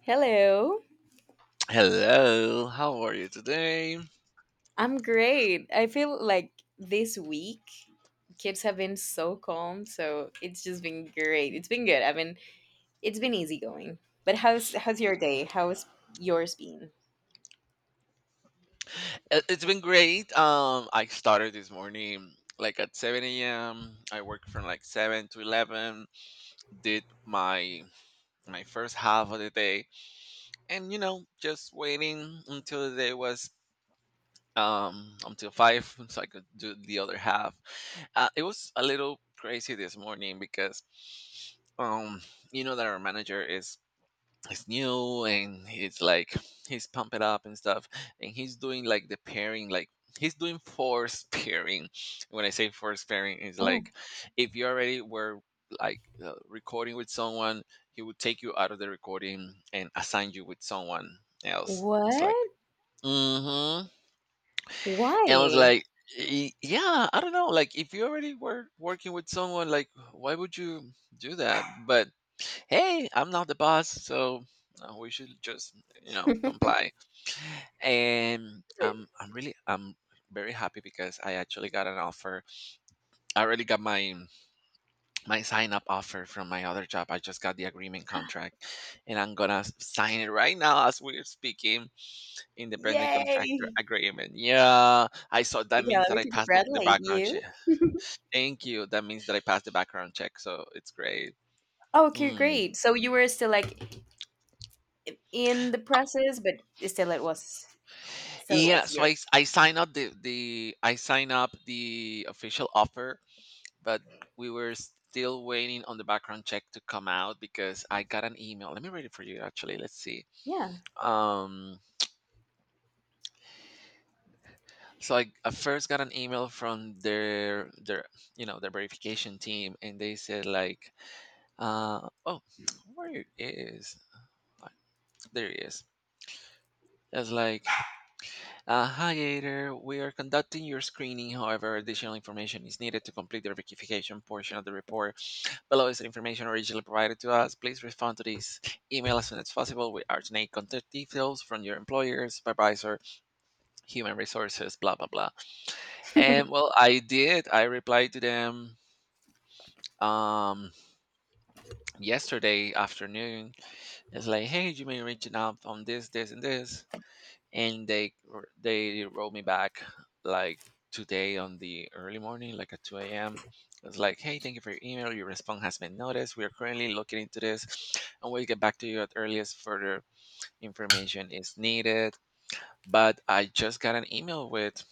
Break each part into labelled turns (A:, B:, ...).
A: Hello.
B: Hello, how are you today?
A: I'm great. I feel like this week kids have been so calm, so it's just been great. It's been good. I mean, it's been easy going. But how's your day? How's yours been?
B: It's been great. I started this morning like at 7 a.m. I worked from like 7 to 11. Did my first half of the day, and you know, just waiting until the day was until 5 so I could do the other half. It was a little crazy this morning because um you know that our manager is it's new, and it's like he's pump it up and stuff, and he's doing like the pairing, like he's doing force pairing. When I say force pairing, it's
A: Oh,
B: like if you already were like recording with someone, he would take you out of the recording and assign you with someone else. It's like
A: what?
B: mm-hmm. And I was
A: Why?
B: like, Yeah, I don't know. Like, if you already were working with someone, like, why would you do that? But hey, I'm not the boss, so we should just, you know, comply. And I'm really, I'm very happy because I actually got an offer. I already got my sign up offer from my other job. I just got the agreement contract, and I'm gonna sign it right now as we're speaking. Independent contractor
A: Yay!
B: agreement. Yeah, I saw that
A: Okay,
B: means
A: let
B: that
A: me
B: I passed the
A: congratulate
B: background check.
A: you.
B: Thank you. That means that I passed the background check. So it's great.
A: Okay,
B: Mm.
A: great. So you were still like in the process, but still it was still it
B: Yeah,
A: was
B: so
A: yours.
B: I sign up the I sign up the official offer, but we were still waiting on the background check to come out because I got an email. Let me read it for you actually. Let's see.
A: Yeah.
B: Um so I first got an email from their you know their verification team, and they said like oh where it is. Fuck, there it is. It's like hi Gator, we are conducting your screening, however additional information is needed to complete the verification portion of the report. Below is the information originally provided to us, please respond to this email as soon as possible. We alternate contact details from your employer, supervisor, human resources, blah blah blah. And well, I did, I replied to them um yesterday afternoon. It's like hey, you may reach out on this and this, and they wrote me back like today on the early morning, like at 2 a.m. It's like hey, thank you for your email, your response has been noticed, we are currently looking into this and we'll get back to you at earliest further information is needed. But I just got an email with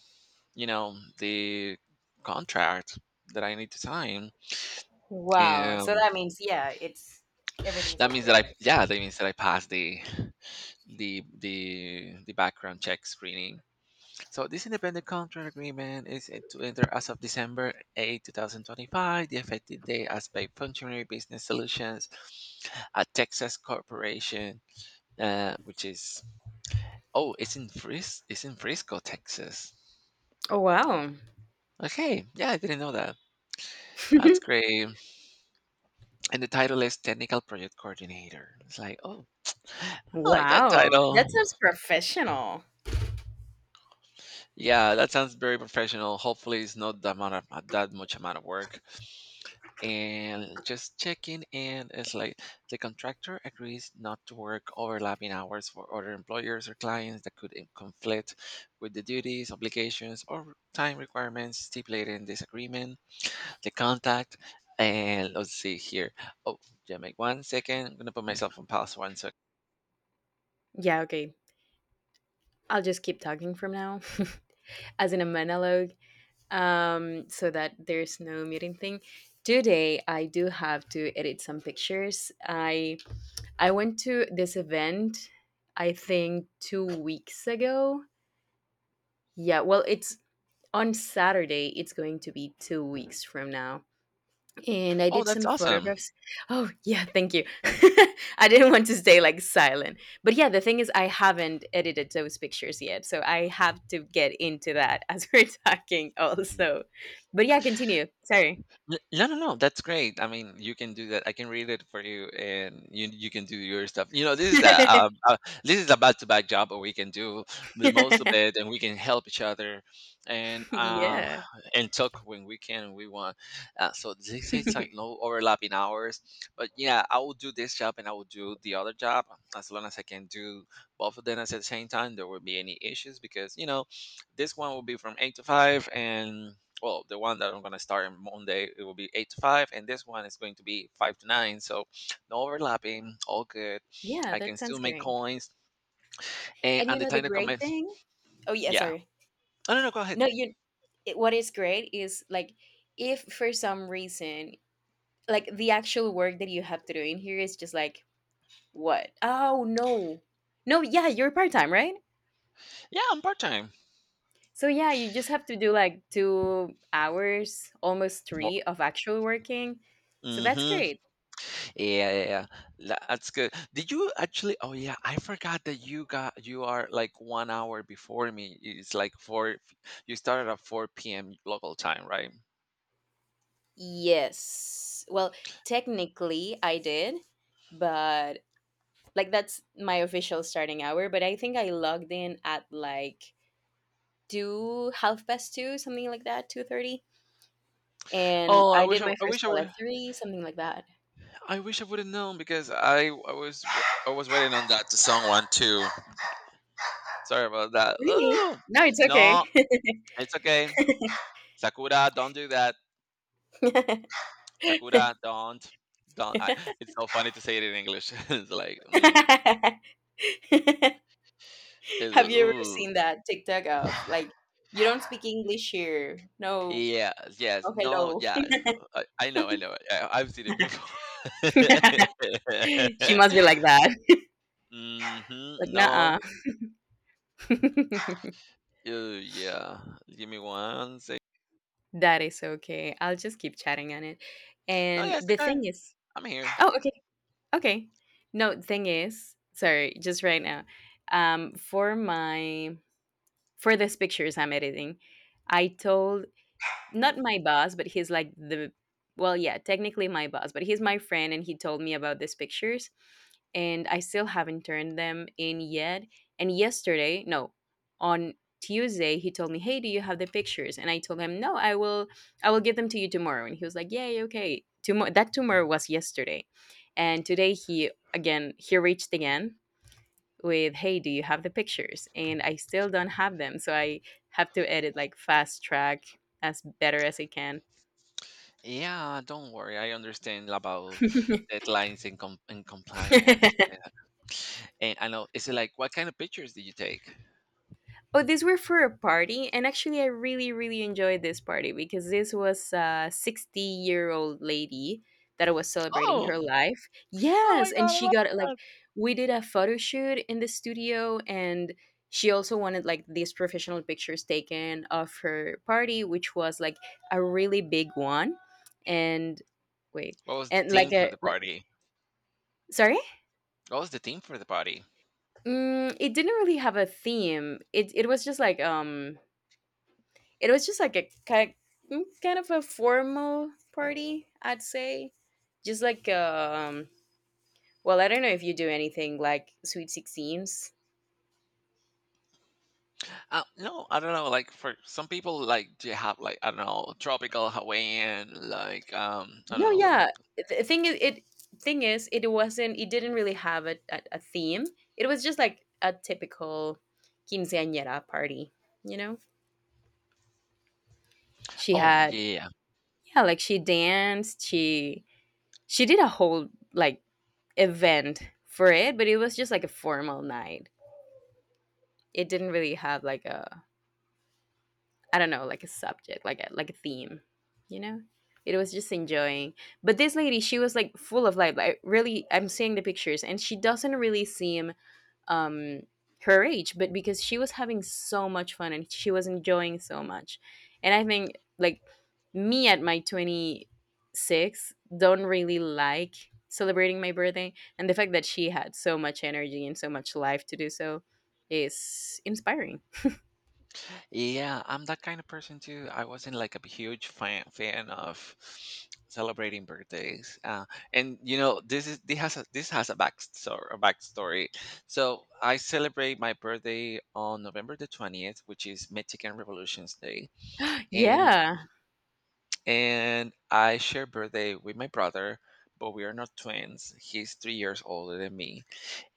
B: you know the contract that I need to sign.
A: Wow. So
B: And
A: that means, yeah, it's everything's okay, right?
B: that means that I passed the the background check screening. So this independent contract agreement is set to enter as of December 8, 2025. The effective date as by Functionary Business Solutions, a Texas corporation, which is it's in Frisco, Texas.
A: Oh, wow.
B: Okay, yeah, I didn't know that. That's great. And the title is Technical Project Coordinator. It's like, oh, I like that
A: Wow. That
B: title.
A: sounds professional.
B: Yeah, that sounds very professional. Hopefully, it's not that that much amount of work. And just checking in, it's like the contractor agrees not to work overlapping hours for other employers or clients that could conflict with the duties, obligations, or time requirements stipulated in this agreement. The contact, and let's see here, oh yeah, make 1 second, I'm gonna put myself on pause one sec.
A: Yeah, okay. I'll just keep talking from now, as in a monologue, so that there's no muting thing. Today, I do have to edit some pictures. I went to this event, I think 2 weeks ago. Yeah, well, it's on Saturday. It's going to be 2 weeks from now. And I
B: Oh,
A: did
B: that's
A: some
B: awesome.
A: photographs. Oh, yeah, thank you. I didn't want to stay like silent. But yeah, the thing is, I haven't edited those pictures yet. So I have to get into that as we're talking also. But yeah, continue. Sorry.
B: No, no, no. That's great. I mean, you can do that. I can read it for you, and you can do your stuff. You know, this is a this is a back to back job, but we can do the most of it, and we can help each other, and uh,
A: Yeah.
B: and talk when we can and we want. So this is like no overlapping hours. But yeah, I will do this job and I will do the other job as long as I can do both of them at the same time. There will be any issues because you know, this one will be from eight to five, and well, the one that I'm going to start on Monday, it will be 8 to 5, and this one is going to be 5 to 9, so no overlapping, all good.
A: Yeah,
B: I can
A: that
B: still
A: sounds
B: make
A: great.
B: coins, and
A: And
B: at
A: you
B: the
A: know, the
B: time that
A: great
B: commence.
A: thing? Oh, yeah,
B: Yeah,
A: sorry.
B: I don't know, go ahead.
A: No, you. What is great is like, if for some reason, like the actual work that you have to do in here is just like, what? Oh no. No, yeah, you're part-time, right?
B: Yeah, I'm part-time.
A: So yeah, you just have to do like 2 hours, almost
B: Mo-
A: three of actual working. So that's
B: Mm-hmm.
A: great.
B: Yeah, yeah, yeah. That's good. Did you actually? Oh, yeah. I forgot that you are like 1 hour before me. It's like four. You started at four p.m. local time, right?
A: Yes. Well, technically I did, but like that's my official starting hour, but I think I logged in at like two half past two, something like that, 2:30. And
B: Oh,
A: I did my
B: I wish
A: first
B: I
A: call at
B: were.
A: 3, something like that.
B: I wish I would have known because I was waiting on that to someone too. Sorry about that.
A: Really?
B: Oh
A: No, it's okay.
B: no, it's okay. Sakura, don't do that. Sakura, don't, don't. It's so funny to say it in English. It's like, mm, it's,
A: Have you ever
B: ooh.
A: seen that TikTok of like, you don't speak English here? No,
B: Yeah, yes,
A: no
B: no,
A: hello.
B: yeah. I know, I've seen it before.
A: She must be like that. Like,
B: Hmm no,
A: nah.
B: yeah. Give me one sec.
A: That is okay. I'll just keep chatting on it.
B: No,
A: And
B: yeah, it's
A: the
B: okay.
A: thing is,
B: I'm here.
A: oh okay, okay. No, the thing is, sorry, just right now. For my for these pictures I'm editing, I told, not my boss, but he's like the well, yeah, technically my boss, but he's my friend, and he told me about these pictures, and I still haven't turned them in yet. And yesterday, no, on Tuesday, he told me, "Hey, do you have the pictures?" And I told him, "No, I will give them to you tomorrow." And he was like, "Yay, okay." Tomorrow, that tomorrow was yesterday. And today, he reached again with, "Hey, do you have the pictures?" And I still don't have them, so I have to edit like fast track, as better as I can.
B: Yeah, don't worry. I understand about deadlines and, and compliance. And I know, is it like, what kind of pictures did you take?
A: Oh, these were for a party, and actually, I really, really enjoyed this party because this was a 60-year-old lady that was celebrating
B: Oh,
A: her life.
B: oh my
A: Yes, and
B: God, I
A: she
B: love
A: got like,
B: that.
A: we did a photo shoot in the studio, and she also wanted like these professional pictures taken of her party, which was like a really big one, and wait,
B: What was the
A: and
B: theme for the party?
A: sorry,
B: What was the theme for the party?
A: it didn't really have a theme. It was just like, it was just like a kind of a formal party, I'd say. Just like, well, I don't know if you do anything like sweet 16s.
B: No, I don't know. Like for some people, like do you have like I don't know, tropical Hawaiian, like I don't
A: No, no,
B: know.
A: yeah. The thing is it wasn't it didn't really have a theme. It was just like a typical quinceañera party, you know? She
B: Oh
A: had.
B: yeah,
A: Yeah, like she danced, she did a whole like event for it, but it was just like a formal night. It didn't really have like a, I don't know, like a subject, like a theme, you know? It was just enjoying. But this lady, she was like full of life. Like, really, I'm seeing the pictures and she doesn't really seem, um her age, but because she was having so much fun and she was enjoying so much. And I think like, me at my 26 don't really like celebrating my birthday, and the fact that she had so much energy and so much life to do so is inspiring.
B: yeah, I'm that kind of person too. I wasn't like a huge fan of celebrating birthdays. And you know, this has a backstory a backstory. So I celebrate my birthday on November the 20th, which is Mexican Revolution's Day. And
A: Yeah.
B: and I share birthday with my brother, but we are not twins. He's 3 years older than me,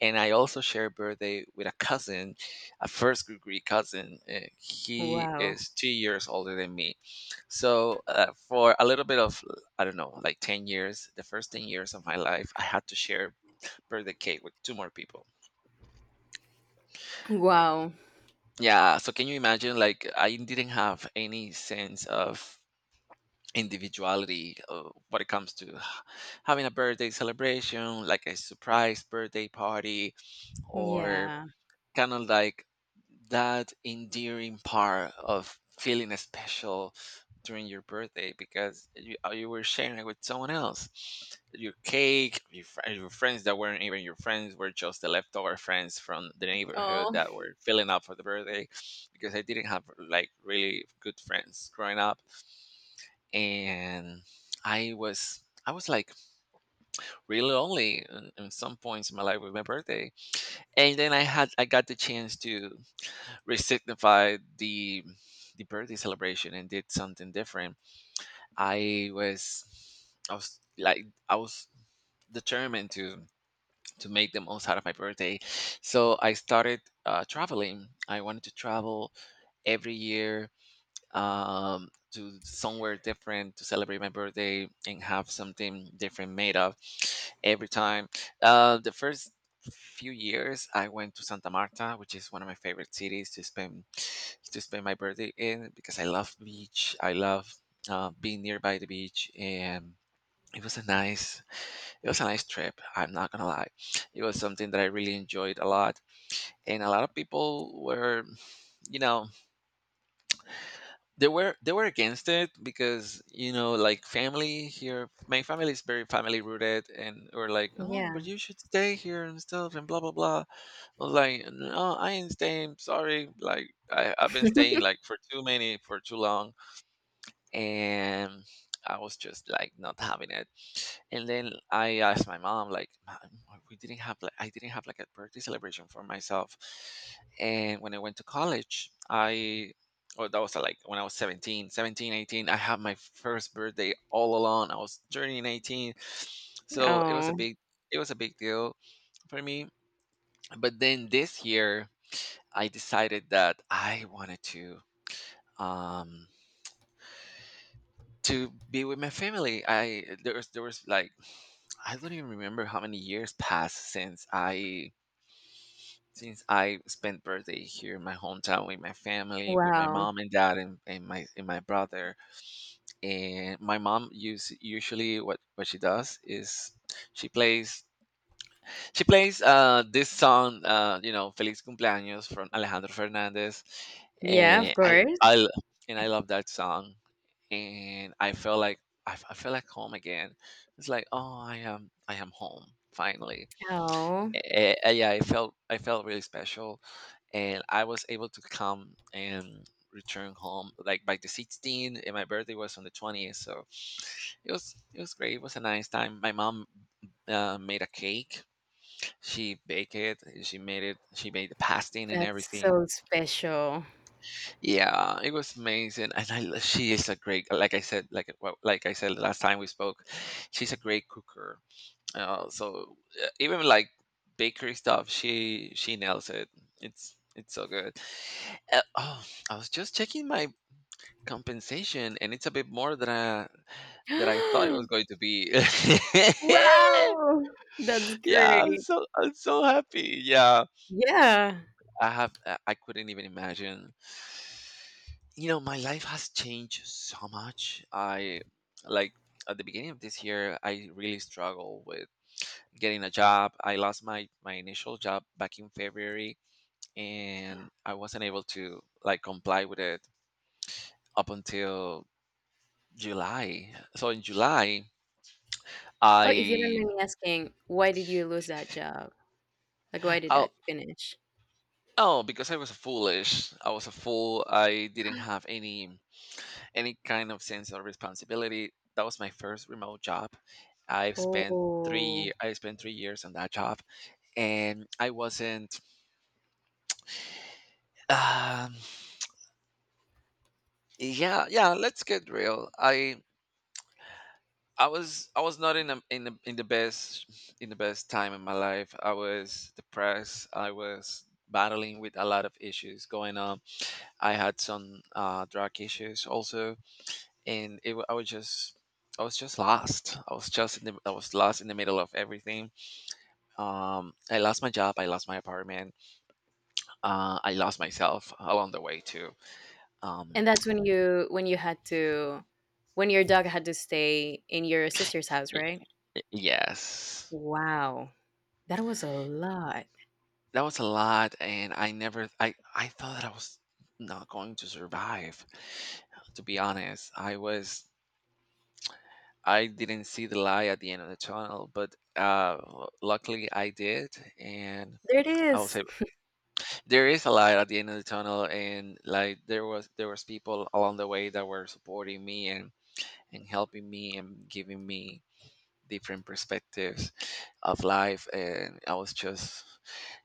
B: and I also share a birthday with a cousin, a first degree cousin. He
A: Wow.
B: is 2 years older than me. So, for a little bit of, I don't know, like 10 years, the first 10 years of my life, I had to share birthday cake with two more people.
A: Wow.
B: Yeah. So, can you imagine? Like, I didn't have any sense of individuality when it comes to having a birthday celebration, like a surprise birthday party, or
A: Yeah.
B: kind of like that endearing part of feeling special during your birthday, because you, you were sharing it with someone else. Your cake, your friends that weren't even your friends were just the leftover friends from the neighborhood
A: Oh.
B: that were filling up for the birthday, because I didn't have like really good friends growing up. And I was. I was like really lonely in some points in my life with my birthday, and then I got the chance to resignified the birthday celebration and did something different. I was I was determined to make the most out of my birthday, so I started traveling. I wanted to travel every year to somewhere different to celebrate my birthday and have something different made up every time. The first few years, I went to Santa Marta, which is one of my favorite cities to spend my birthday in because I love beach. I love being nearby the beach. And it was a nice, it was a nice trip. I'm not gonna lie, it was something that I really enjoyed a lot, and a lot of people were, you know, they were against it, because you know, like family here, my family is very family rooted, and were like oh, but
A: Yeah.
B: you should stay here and stuff, and blah blah blah. I was like no, I ain't staying, sorry. Like I've been staying like for too many for too long, and I was just like not having it. And then I asked my mom, like, "Mom, we didn't have like I didn't have like a birthday celebration for myself." And when I went to college, I oh that was like when I was 18. I had my first birthday all alone. I was turning 18. So it was a
A: Oh,
B: big it was a big deal for me. But then this year I decided that I wanted um to be with my family. I there was There was like I don't even remember how many years passed since I spent birthday here in my hometown with my family, with my
A: wow.
B: mom and dad, and my brother. And my mom use usually what she does is she plays she plays this song, you know, Feliz Cumpleaños from Alejandro Fernandez.
A: Yeah,
B: And
A: of
B: I,
A: course.
B: I, l- and I love that song. And I felt like I feel like home again. It's like, oh, I am home finally.
A: Oh,
B: Yeah, I felt really special, and I was able to come and return home like by the 16th, and my birthday was on the 20th, so it was great. It was a nice time. My mom made a cake. She baked it, she made the pasting and
A: that's
B: everything.
A: so special.
B: Yeah, it was amazing. She is a great, like I said like well, like I said last time we spoke, she's a great cooker. uh, so Even like bakery stuff, she nails it. It's so good. uh, oh I was just checking my compensation, and it's a bit more than I thought it was going to be.
A: Wow. That's
B: Yeah,
A: great.
B: I'm so happy. Yeah,
A: Yeah.
B: I have I couldn't even imagine. You know, my life has changed so much. I like At the beginning of this year, I really struggled with getting a job. I lost my initial job back in February, and I wasn't able to like comply with it up until July. So in July,
A: Oh, if you don't
B: I
A: mind me asking, why did you lose that job? Like, why did
B: oh,
A: that finish?
B: oh, because I was foolish. I was a fool. I didn't have any kind of sense of responsibility. That was my first remote job.
A: Oh,
B: I spent 3 years on that job, and I wasn't. Um, yeah, yeah. Let's get real. I was not in a, in the best time in my life. I was depressed. I was battling with a lot of issues going on. I had some drug issues also, and it, wa- I was just lost. I was lost in the middle of everything. I lost my job, I lost my apartment. I lost myself along the way too. um
A: and that's when your dog had to stay in your sister's house,
B: y-
A: right?
B: yes,
A: Wow. That was a lot.
B: that was a lot, and I thought that I was not going to survive. To be honest, I didn't see the light at the end of the tunnel, but luckily I did. And
A: There it
B: I would say
A: is.
B: there is a light at the end of the tunnel, and like there was people along the way that were supporting me, and. And helping me and giving me different perspectives of life, and I was just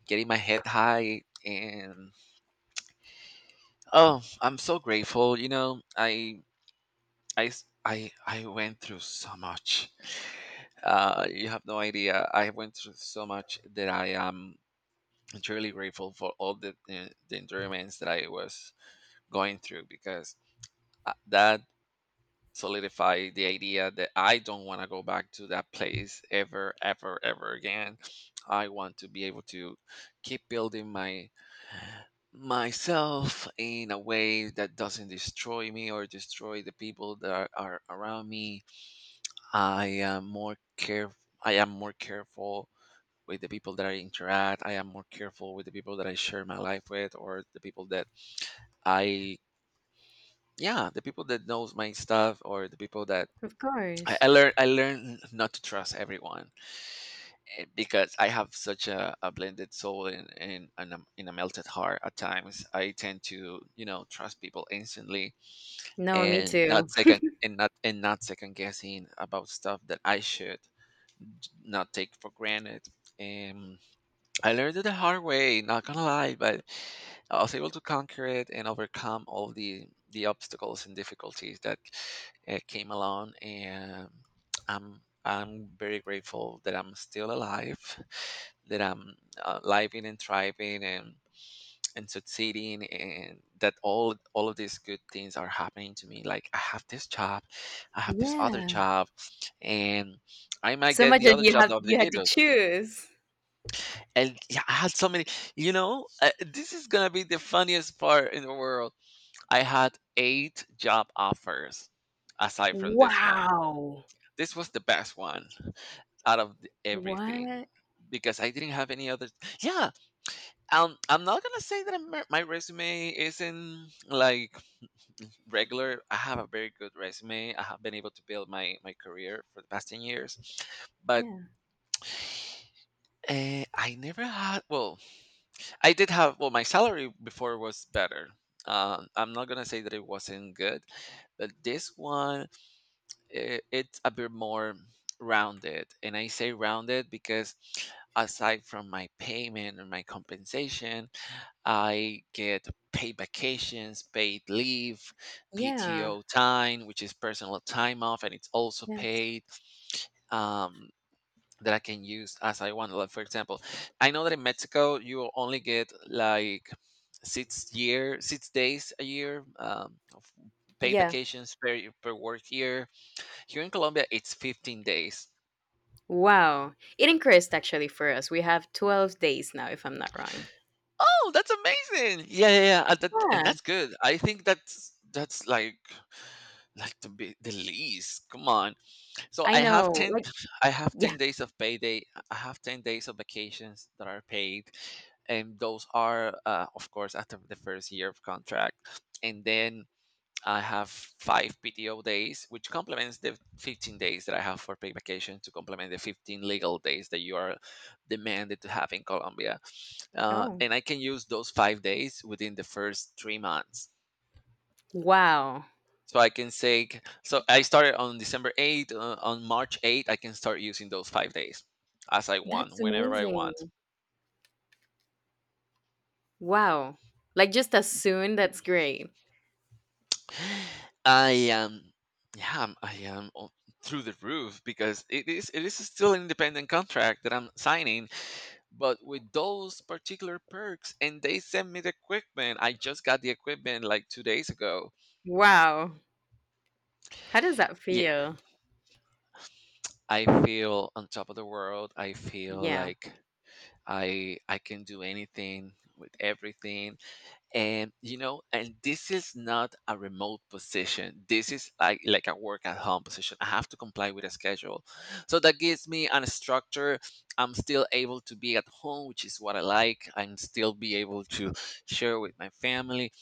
B: getting my head high. And oh, I'm so grateful, you know. I went through so much. You have no idea, I went through so much that I am truly grateful for all the environments that I was going through, because that solidify the idea that I don't want to go back to that place ever, ever, ever again. I want to be able to keep building my myself in a way that doesn't destroy me or destroy the people that are around me. I am more care I am more careful with the people that I interact. I am more careful with the people that I share my life with, or the people that I yeah, the people that knows my stuff, or the people that
A: Of course.
B: I learned, I learned not to trust everyone. Because I have such a blended soul and a, in a melted heart at times. I tend to, you know, trust people instantly
A: No, me
B: and
A: too.
B: not second guessing about stuff that I should not take for granted. And I learned it the hard way, not gonna lie, but I was able to conquer it and overcome all the obstacles and difficulties that came along. And I'm very grateful that I'm still alive, that I'm living and thriving and succeeding, and that all of these good things are happening to me. Like I have this job, I have this other
A: Yeah.
B: job, and I might
A: So
B: get
A: much
B: the
A: that
B: other job of the
A: you had to
B: video.
A: choose.
B: And yeah, I had so many. You know, this is gonna be the funniest part in the world. I had eight job offers aside from this one.
A: Wow.
B: This was the best one out of everything,
A: What?
B: because I didn't have any other. Yeah, I'm not gonna say that my resume isn't like regular. I have a very good resume. I have been able to build my career for the past 10 years, but
A: Yeah.
B: I never had. Well, I did have, well, my salary before was better. I'm not gonna say that it wasn't good, but this one, it's a bit more rounded. And I say rounded because aside from my payment and my compensation, I get paid vacations, paid leave,
A: Yeah.
B: PTO time, which is personal time off, and it's also
A: Yes.
B: paid. Um, that I can use as I want. Like, for example, I know that in Mexico you will only get like 6 days a year, of paid
A: Yeah.
B: vacations per work year. Here in Colombia, it's 15 days.
A: Wow. It increased actually for us. We have 12 days now if I'm not wrong.
B: Oh, that's amazing! Yeah, yeah, yeah. And
A: Yeah.
B: that's good. I think that's like the least. Come on, so
A: I
B: I have
A: know.
B: ten,
A: Like,
B: I have
A: yeah.
B: 10 days of payday. I have 10 days of vacations that are paid, and those are, of course, after the first year of contract. And then I have five PTO days, which complements the 15 days that I have for paid vacation, to complement the 15 legal days that you are demanded to have in Colombia.
A: Oh.
B: And I can use those 5 days within the first 3 months.
A: Wow.
B: So I can say, so I started on December 8th. On March 8th, I can start using those 5 days as I want,
A: That's
B: whenever I
A: amazing.
B: want.
A: Wow. Like, just as soon, that's great.
B: I am, yeah, I am through the roof, because it is still an independent contract that I'm signing, but with those particular perks. And they sent me the equipment. I just got the equipment like 2 days ago.
A: Wow. How does that
B: Yeah,
A: feel?
B: I feel on top of the world. I feel
A: Yeah.
B: like I can do anything with everything. And you know, and this is not a remote position, this is like a work at home position. I have to comply with a schedule, so that gives me a structure. I'm still able to be at home, which is what I like, and still be able to share with my family.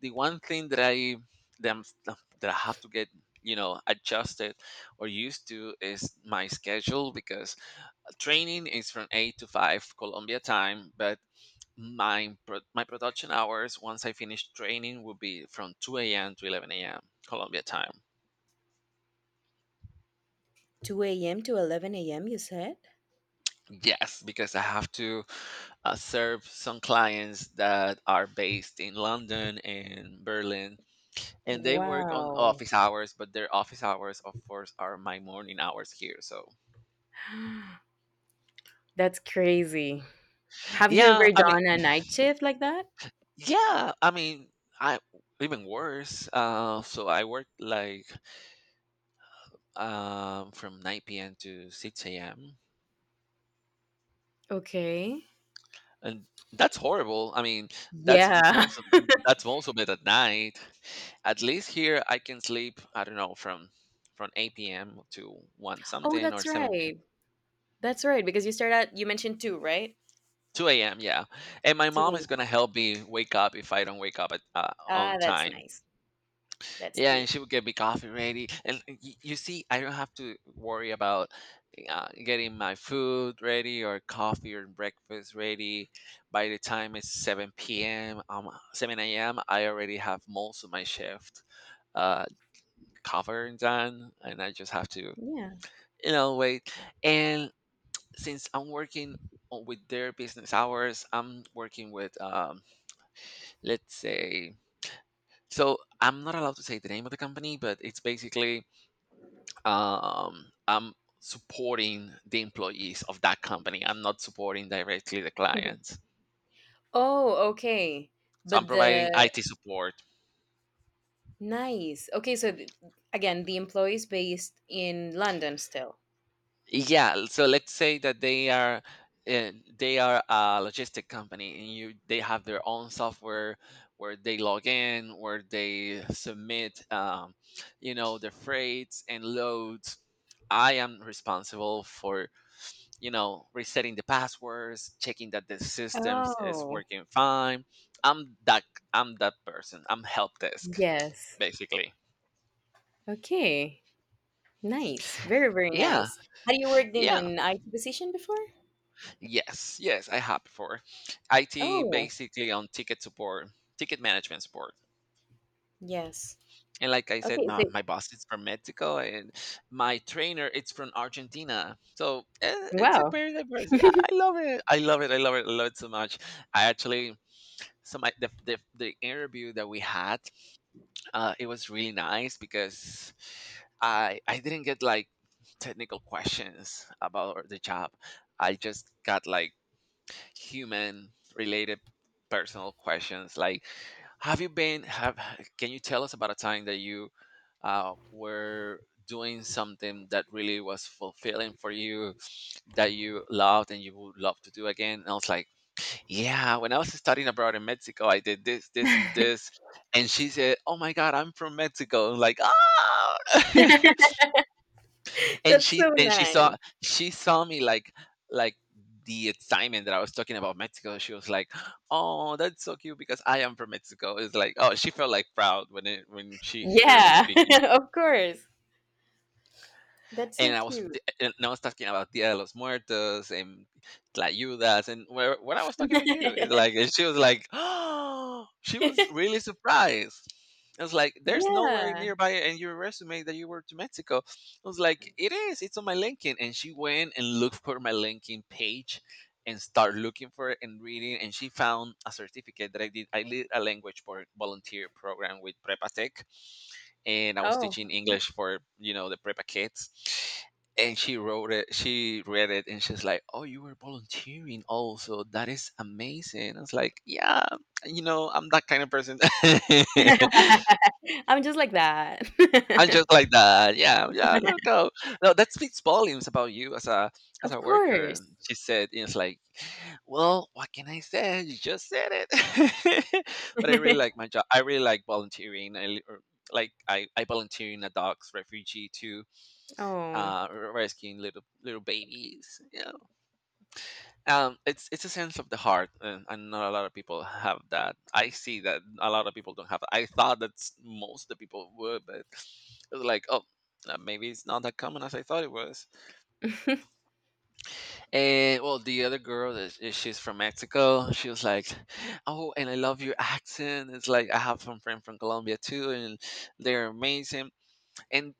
B: The one thing that that, I'm, that I have to get, you know, adjusted or used to, is my schedule, because training is from 8 to 5 Colombia time, but my production hours once I finish training will be from 2 a.m. to 11 a.m. Colombia time.
A: 2 a.m. to 11 a.m., you said?
B: Yes, because I have to serve some clients that are based in London and Berlin, and they work on
A: Wow.
B: office hours, but their office hours, of course, are my morning hours here. So,
A: That's crazy. Have you
B: yeah,
A: ever
B: I mean,
A: done a night shift like that?
B: yeah, I mean, I even worse. So I work like from 9 p.m. to 6 a.m.
A: Okay.
B: And that's horrible. I mean, that's m-
A: Yeah.
B: most of, that's most of it at night. At least here I can sleep, I don't know, from 8 p.m. to 1
A: Oh,
B: something, or
A: that's
B: 7 p.m.
A: right. That's right. Because you start at you mentioned two, right?
B: 2 a.m. Yeah. And my mom
A: Doing.
B: is going to help me wake up if I don't wake up at,
A: Ah,
B: on
A: that's
B: time.
A: nice. That's
B: Yeah, and
A: cute.
B: she would get me coffee ready. And you see, I don't have to worry about getting my food ready or coffee or breakfast ready. By the time it's 7 p.m., 7 a.m., I already have most of my shift uh, covered and done. And I just have to,
A: Yeah.
B: you know, wait. And since I'm working with their business hours, I'm working with, let's say, so I'm not allowed to say the name of the company, but it's basically I'm supporting the employees of that company. I'm not supporting directly the clients.
A: Oh, okay.
B: So I'm
A: But
B: providing
A: the
B: IT support.
A: Nice. Okay, so again, the employee is based in London still.
B: Yeah. So let's say that uh, they are a logistic company, and you they have their own software where they log in, where they submit, you know, their freights and loads. I am responsible for, you know, resetting the passwords, checking that the systems is
A: Oh,
B: working fine. I'm that I'm that person. I'm help desk
A: yes.
B: basically.
A: Okay. Nice. Very, very
B: Yeah,
A: nice. Had you worked in
B: yeah,
A: an IT position before?
B: yes, yes. I have before. IT
A: Oh,
B: basically on ticket support, ticket management support.
A: yes.
B: And like I said,
A: Okay, so
B: my boss is from Mexico, and my trainer it's from Argentina. So it's a
A: wow.
B: very diverse. Yeah, I love it. I love it so much. I actually the interview that we had it was really nice because I didn't get like technical questions about the job. I just got like human related personal questions like have you been have can you tell us about a time that you were doing something that really was fulfilling for you that you loved and you would love to do again. And I was like, yeah, when I was studying abroad in Mexico, I did this, this, and
A: That's
B: this. And she said, "Oh my God, I'm from Mexico." I'm like, oh. and she
A: so
B: and she saw
A: nice.
B: she saw me like, the excitement that I was talking about Mexico. She was like, "Oh, that's so cute because I am from Mexico." It's like, oh, she felt like proud when she heard me
A: Yeah,
B: speaking.
A: of course. That's so
B: And I was,
A: cute.
B: and I was talking about Dia de los Muertos and Tlayudas, and where, when I was talking with you, it's like, and she was like, oh, she was really surprised. I was like, "There's nowhere
A: Yeah.
B: nearby in your resume that you were to Mexico." I was like, "It is, it's on my LinkedIn," and she went and looked for my LinkedIn page and start looking for it and reading, and she found a certificate that I did a language for volunteer program with prepatech, and I was
A: Oh,
B: teaching
A: okay.
B: English for the prepa kids. And she wrote it. She read it, and she's like, "Oh, you were volunteering also. That is amazing." I was like, "Yeah, I'm that kind of person."
A: I'm just like that.
B: I'm just like that. Yeah, yeah. Look, no, no. That speaks volumes about you as a, as
A: Of
B: a worker.
A: course.
B: She said, "You, it's like, well, what can I say? You just said it." But I really like my job. I really like volunteering. Like I volunteer in a dog's refugee to
A: Oh,
B: rescuing little babies. Yeah. It's a sense of the heart, and not a lot of people have that. I see that a lot of people don't have. I thought that s- Most of the people would, but it's like, oh, maybe it's not that common as I thought it was. And well, the other girl she's from Mexico. She was like, oh, and I love your accent. It's like, I have some friend from Colombia too, and they're amazing. And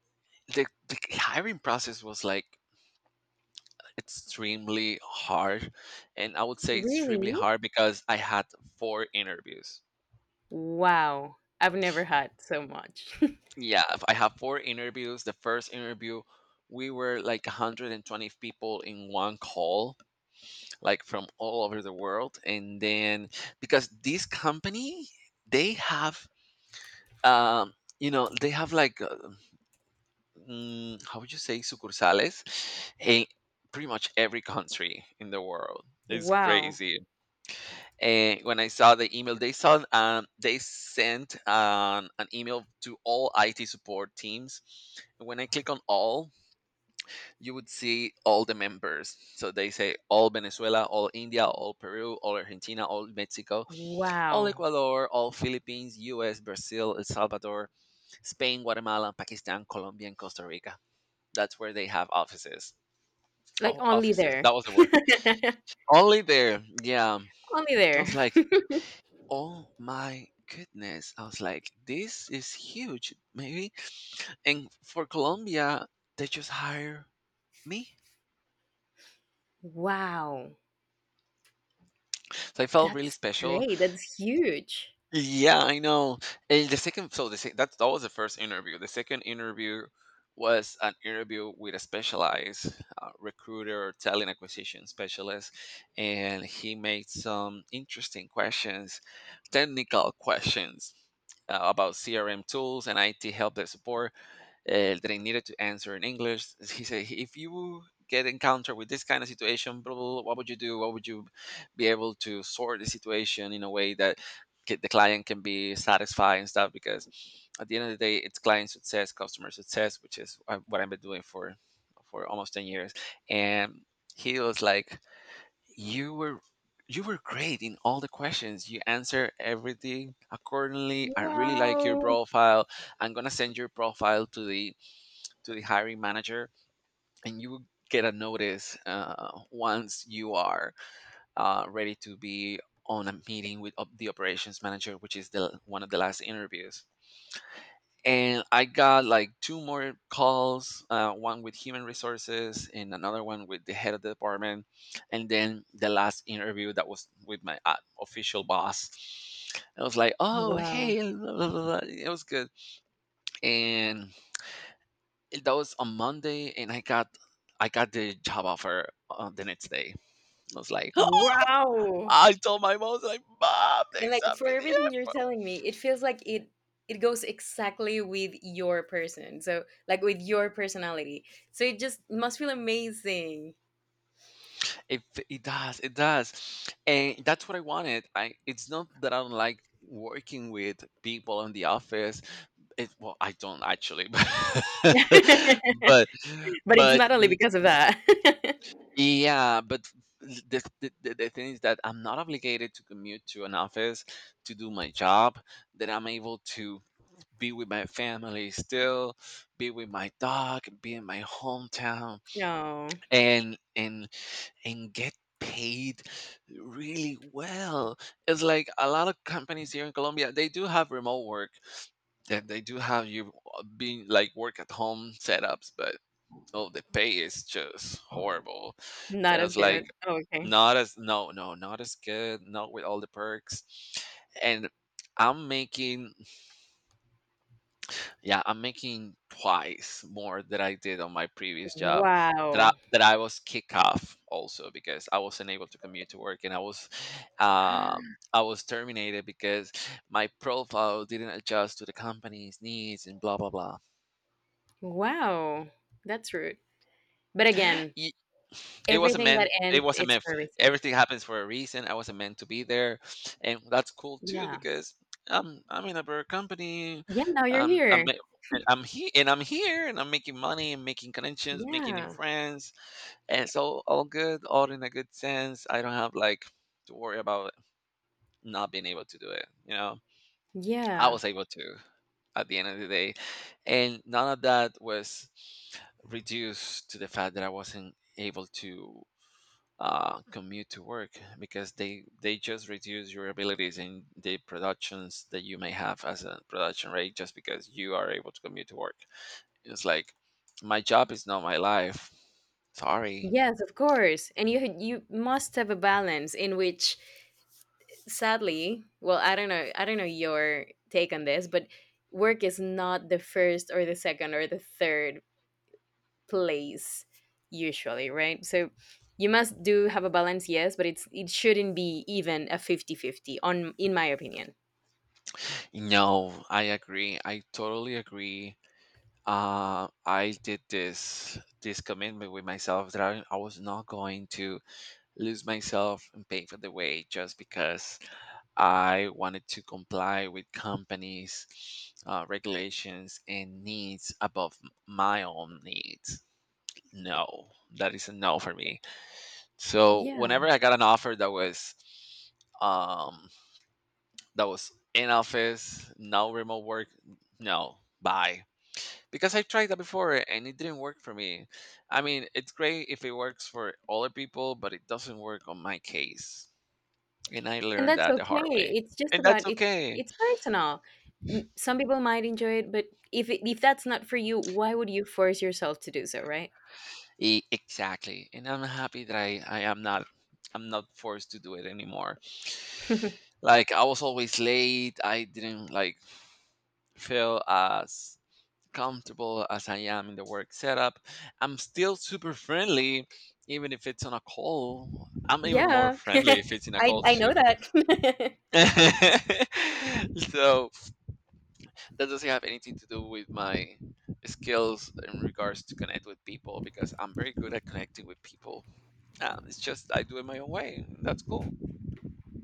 B: the hiring process was like extremely hard, and I would say extremely
A: really?
B: hard because I had four interviews.
A: Wow. I've never had so much.
B: Yeah, if I have four interviews, the first interview, we were like 120 people in one call, like from all over the world. And then because this company they have, um you know, they have like, how would you say, sucursales in pretty much every country in the world. It's
A: Wow.
B: crazy. And when I saw the email, they sent, an email to all IT support teams. When I click on all, you would see all the members. So they say all Venezuela, all India, all Peru, all Argentina, all Mexico, all
A: Wow.
B: Ecuador, all Philippines, U.S., Brazil, El Salvador, Spain, Guatemala, Pakistan, Colombia, and Costa Rica. That's where they have offices.
A: Like,
B: Oh,
A: only
B: offices.
A: there.
B: That was the word. Only there. Yeah.
A: Only
B: I was
A: there.
B: like, oh my goodness. I was like, this is huge, maybe. And for Colombia, they just hire me.
A: Wow,
B: So I felt really
A: that's
B: special.
A: great. That's huge.
B: Yeah, I know. And the second, that that was the first interview. The second interview was an interview with a specialized recruiter, talent acquisition specialist, and he made some interesting questions, technical questions, about CRM tools and IT help desk support, that I needed to answer in English. He said, if you get encountered with this kind of situation, blah, blah, blah, what would you do? What would you be able to sort the situation in a way that the client can be satisfied and stuff? Because at the end of the day, it's client success, customer success, which is, what I've been doing for almost 10 years. And he was like, "You were." You were great in all the questions. You answer everything accordingly. I really like your
A: Wow.
B: profile. I'm gonna send your profile to the hiring manager, and you will get a notice, once you are, ready to be on a meeting with the operations manager, which is the one of the last interviews. And I got like two more calls, one with human resources and another one with the head of the department. And then the last interview, that was with my, official boss. I was like, oh,
A: Wow.
B: hey, blah, blah, blah, blah. It was good. And that was on Monday, and I got, I got the job offer on the next day. I was like,
A: Wow.
B: I told my mom, I was like, Mom, they
A: And like,
B: sent
A: for
B: me the
A: everything you're
B: app.
A: telling me, it feels like it goes exactly with your person. So like, with your personality. So it just must feel amazing.
B: It it does, and that's what I wanted. I, it's not that I don't like working with people in the office. It, well, I don't actually, but
A: But it's
B: but
A: not only because of that.
B: yeah, but the thing is that I'm not obligated to commute to an office to do my job. That I'm able to be with my family, still be with my dog, be in my hometown,
A: No,
B: and and and get paid really well. It's like a lot of companies here in Colombia, they do have remote work, that they do have you, being like work at home setups, but oh, the pay is just horrible.
A: not as
B: It's like
A: good. Oh, okay.
B: not as, not as good. Not with all the perks. And I'm making yeah, I'm making twice more than I did on my previous job,
A: Wow.
B: that I was kicked off also because I wasn't able to commute to work. And I was, I was terminated because my profile didn't adjust to the company's needs and blah blah blah.
A: Wow. That's rude. But again,
B: Ye.
A: everything that
B: It
A: ends,
B: wasn't
A: it's
B: meant,
A: for a reason.
B: everything happens for a reason, I wasn't meant to be there, and that's cool too,
A: Yeah.
B: because I'm in a better company,
A: Yeah, now you're
B: I'm
A: here.
B: a, I'm here, and I'm making money and making connections, making new
A: Yeah.
B: friends, and it's all good, all in a good sense. I don't have, like, to worry about not being able to do it, you know? I
A: Yeah.
B: was able to, at the end of the day, and none of that was reduced to the fact that I wasn't able to, commute to work, because they just reduce your abilities in the productions that you may have as a production rate just because you are able to commute to work. It's like, my job is not my life. Sorry.
A: Yes, of course. And you must have a balance in which, sadly, well, I don't know your take on this, but work is not the first or the second or the third place usually, right? So you must do have a balance, yes, but it shouldn't be even a 50/50 on in my opinion.
B: No, I agree. I totally agree. I did this commitment with myself that I was not going to lose myself and pay for the way just because I wanted to comply with companies', regulations and needs above my own needs. No, that is a no for me. So
A: Yeah.
B: whenever I got an offer that was, um, in office, no remote work, no, bye. Because I tried that before, and it didn't work for me. I mean, it's great if it works for other people, but it doesn't work on my case. And I
A: And
B: learned
A: that's
B: that the
A: okay.
B: hard way.
A: It's just
B: And
A: about,
B: that's
A: it's
B: okay.
A: it's personal. Some people might enjoy it, but if that's not for you, why would you force yourself to do so, right?
B: Exactly. And I'm happy that I am not, I'm not forced to do it anymore. Like, I was always late. I didn't like feel as comfortable as I am in the work setup. I'm still super friendly, even if it's on a call. I'm even more
A: Yeah.
B: friendly if it's in a
A: I
B: call
A: I
B: too,
A: know
B: because
A: that.
B: so that doesn't have anything to do with my skills in regards to connect with people, because I'm very good at connecting with people, and it's just I do it my own way. That's cool.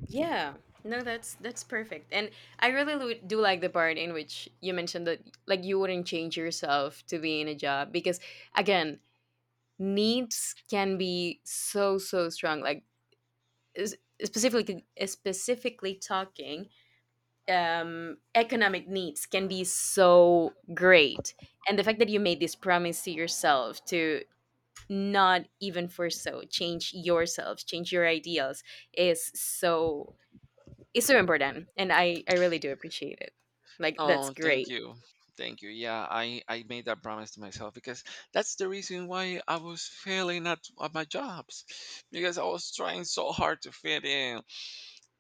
A: Yeah. No, that's perfect. And I really do like the part in which you mentioned that like you wouldn't change yourself to be in a job because, again, needs can be so strong, like, is- specifically talking, economic needs can be so great. And the fact that you made this promise to yourself to not even for so change yourself, change your ideals, is so is so important. And I really do appreciate it. Like, that's
B: Oh, thank
A: great.
B: you. Thank you. Yeah, I made that promise to myself because that's the reason why I was failing at my jobs because I was trying so hard to fit in,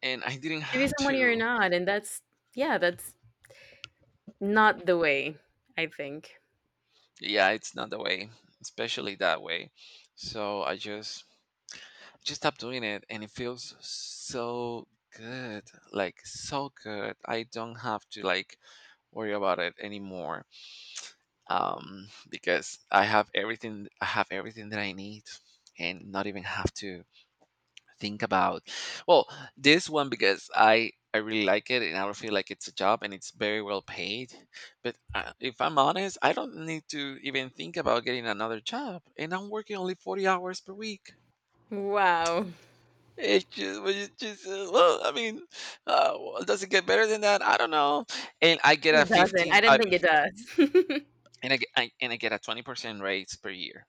B: and I didn't
A: To be
B: have
A: someone you're
B: to.
A: not, and that's yeah, that's not the way, I think.
B: Yeah, it's not the way, especially that way. So I just stopped doing it, and it feels so good. Like so good. I don't have to like worry about it anymore, because I have everything. I have everything that I need, and not even have to think about. Well, this one, because I really like it, and I don't feel like it's a job, and it's very well paid. But I, if I'm honest, I don't need to even think about getting another job, and I'm working only 40 hours per week.
A: Wow.
B: It's just well, I mean, well, does it get better than that? I don't know. And I get a
A: It doesn't.
B: 15,
A: I
B: I,
A: don't think it does.
B: and I get, I, And I get a 20% raise per year.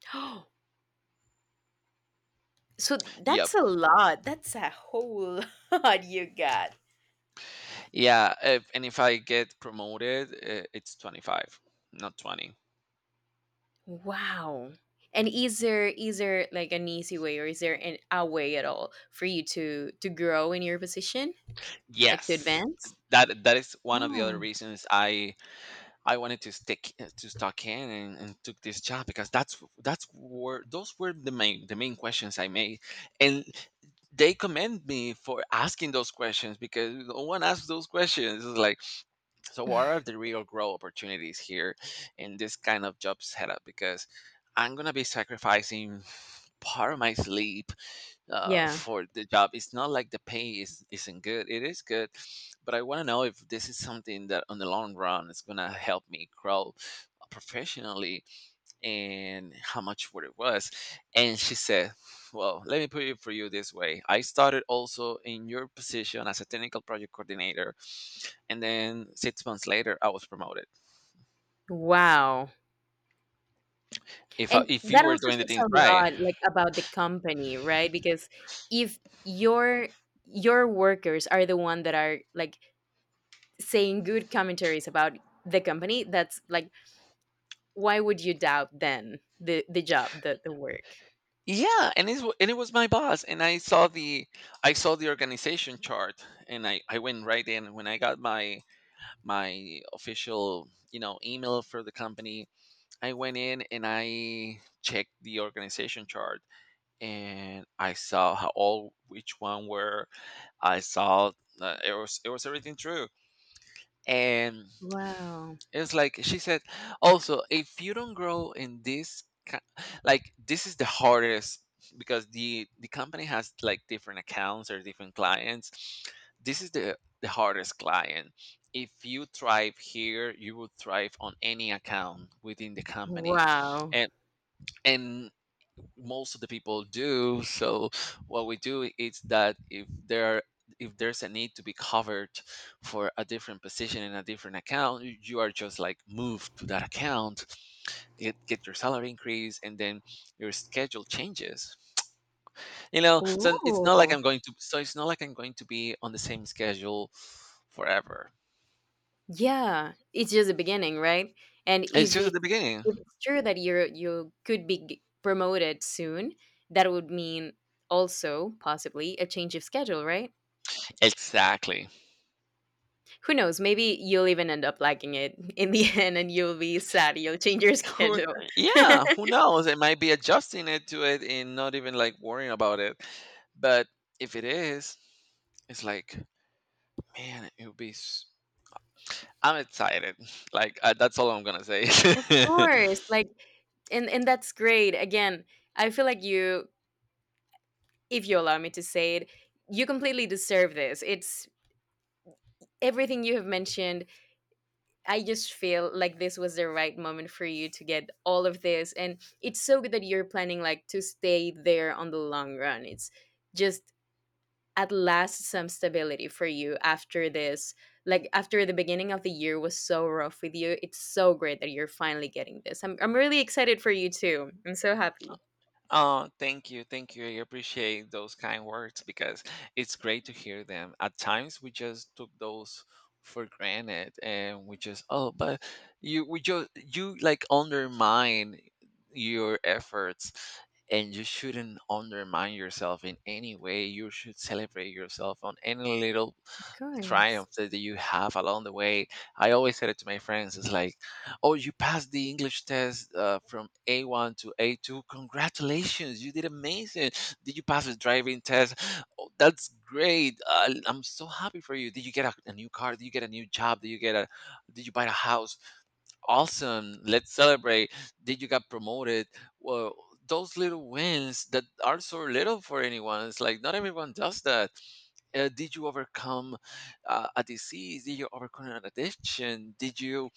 A: So
B: Yep.
A: that's a lot. That's a whole lot you got.
B: Yeah, if I get promoted, it's 25, not 20.
A: Wow. And is there like an easy way or is there an a way at all for you to grow in your position, like, to
B: Yes.
A: advance?
B: That is one of the other
A: Wow.
B: reasons I wanted to stuck in and took this job because that's were those were the main questions I made, and they commend me for asking those questions because no one asks those questions. It's like, so what are the real growth opportunities here in this kind of job setup? Because I'm gonna be sacrificing part of my sleep,
A: Yeah.
B: for the job. It's not like the pay isn't good. It is good, but I want to know if this is something that on the long run is going to help me grow professionally and how much what it was. And she said, well, let me put it for you this way. I started also in your position as a technical project coordinator, and then 6 months later, I was promoted.
A: Wow.
B: If I,
A: And
B: if you
A: that
B: were
A: also
B: doing the
A: speaks
B: things
A: a
B: right.
A: lot like about the company, right? Because if your your workers are the one that are like saying good commentaries about the company, that's like, why would you doubt then the job, the work?
B: Yeah, and it was my boss, and I saw the, I saw the organization chart, and I went right in when I got my, my official, you know, email for the company. I went in and I checked the organization chart, and I saw how all which one were. I saw, it was, it was everything true, and
A: Wow.
B: it's like she said, also, if you don't grow in this, like this is the hardest, because the company has like different accounts or different clients. This is the hardest client. If you thrive here, you will thrive on any account within the company,
A: Wow.
B: and and most of the people do. So what we do is that if there's a need to be covered for a different position in a different account, you are just like moved to that account, get your salary increase, and then your schedule changes. You know, so it's not like
A: Ooh.
B: I'm going to. So it's not like I'm going to be on the same schedule forever.
A: Yeah, it's just the beginning, right? And
B: It's
A: if
B: just at
A: it's
B: the beginning.
A: if it's true that you could be promoted soon, that would mean also possibly a change of schedule, right?
B: Exactly.
A: Who knows? Maybe you'll even end up liking it in the end, and you'll be sad. You'll change your
B: Who,
A: schedule. Of
B: yeah, who knows? It might be adjusting it to it and not even like worrying about it. But if it is, it's like, man, it would be. S- I'm excited. Like that's all I'm gonna say.
A: course, like, and that's great. Again, I feel like you, if you allow me to say it, you completely deserve this. It's Everything you have mentioned, I just feel like this was the right moment for you to get all of this. And it's so good that you're planning like to stay there on the long run. It's just, at last, some stability for you after this. Like, after the beginning of the year was so rough with you. It's so great that you're finally getting this. I'm really excited for you too. I'm so happy.
B: Oh, thank you. Thank you. I appreciate those kind words, because it's great to hear them. At times we just took those for granted and we just, oh, we just, you like undermine your efforts, and you shouldn't undermine yourself in any way. You should celebrate yourself on any little
A: Of
B: triumph
A: course.
B: that you have along the way. I always said it to my friends. It's like, oh, you passed the English test, from A1 to A2. Congratulations, you did amazing. Did you pass the driving test? Oh, that's great. I'm so happy for you. Did you get a new car? Did you get a new job? Did you get a? Did you buy a house? Awesome. Let's celebrate. Did you get promoted? Well, those little wins that are so little for anyone. It's like not everyone does that. Did you overcome a disease? Did you overcome an addiction? Did you,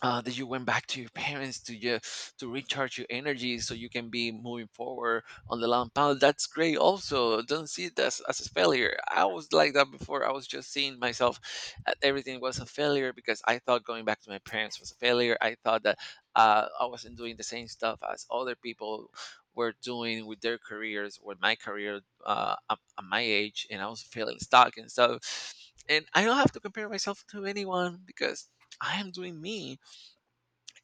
B: that you went back to your parents to just to recharge your energy so you can be moving forward on the long path? That's great. Also, don't see it as a failure. I was like that before. I was just seeing myself at everything was a failure because I thought going back to my parents was a failure. I thought that, I wasn't doing the same stuff as other people were doing with their careers, with my career, at my age, and I was feeling stuck and stuff. And I don't have to compare myself to anyone, because I am doing me,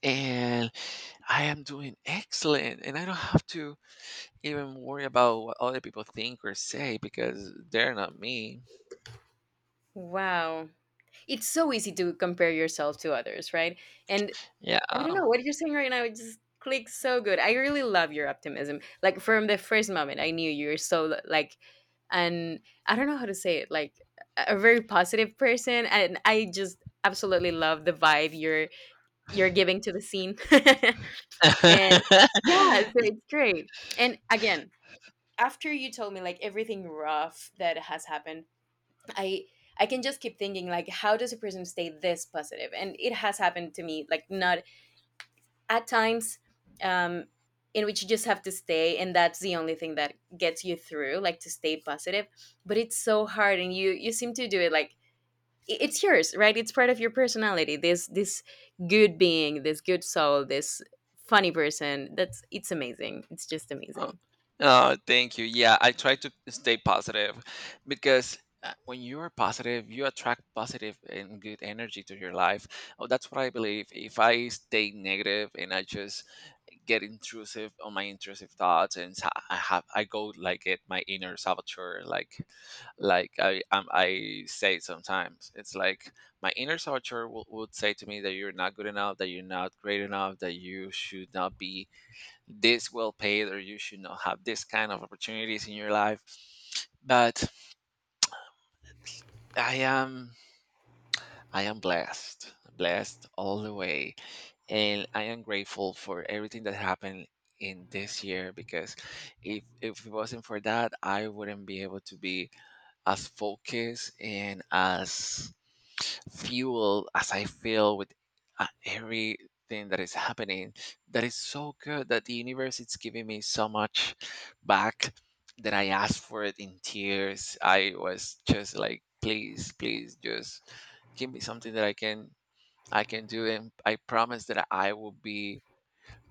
B: and I am doing excellent, and I don't have to even worry about what other people think or say because they're not me.
A: Wow. It's so easy to compare yourself to others, right? And I don't
B: Yeah.
A: know what you're saying right now. It just clicks so good. I really love your optimism. Like, from the first moment, I knew you were so like, and I don't know how to say it. Like a very positive person, and I just absolutely love the vibe you're giving to the scene. And yeah, so it's great. And again, after you told me like everything rough that has happened, I. I can just keep thinking like, how does a person stay this positive? And it has happened to me like, not at times, um, in which you just have to stay, and that's the only thing that gets you through, like, to stay positive, but it's so hard and you seem to do it like, it's yours, right? It's part of your personality, this, good being, this good soul, this funny person, that's it's amazing, it's just
B: Oh,
A: amazing.
B: oh, thank you. Yeah, I try to stay positive, because when you are positive, you attract positive and good energy to your life. Oh, that's what I believe. If I stay negative and I just get intrusive on my intrusive thoughts and I go like it, my inner saboteur, like I, I say sometimes, it's like my inner saboteur would say to me that you're not good enough, that you're not great enough, that you should not be this well paid, or you should not have this kind of opportunities in your life. But I am, I am blessed, blessed all the way, and I am grateful for everything that happened in this year, because if it wasn't for that, I wouldn't be able to be as focused and as fueled as I feel with, everything that is happening. That is so good, that the universe is giving me so much back, that I asked for it in tears. I was just like, please, please, just give me something that I can do, and I promise that I will be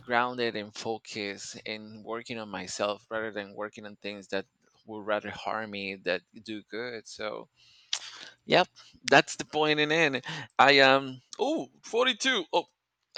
B: grounded and focused and working on myself rather than working on things that would rather harm me that do good. So, yep, that's the point. And then, I am, oh, 42. Oh,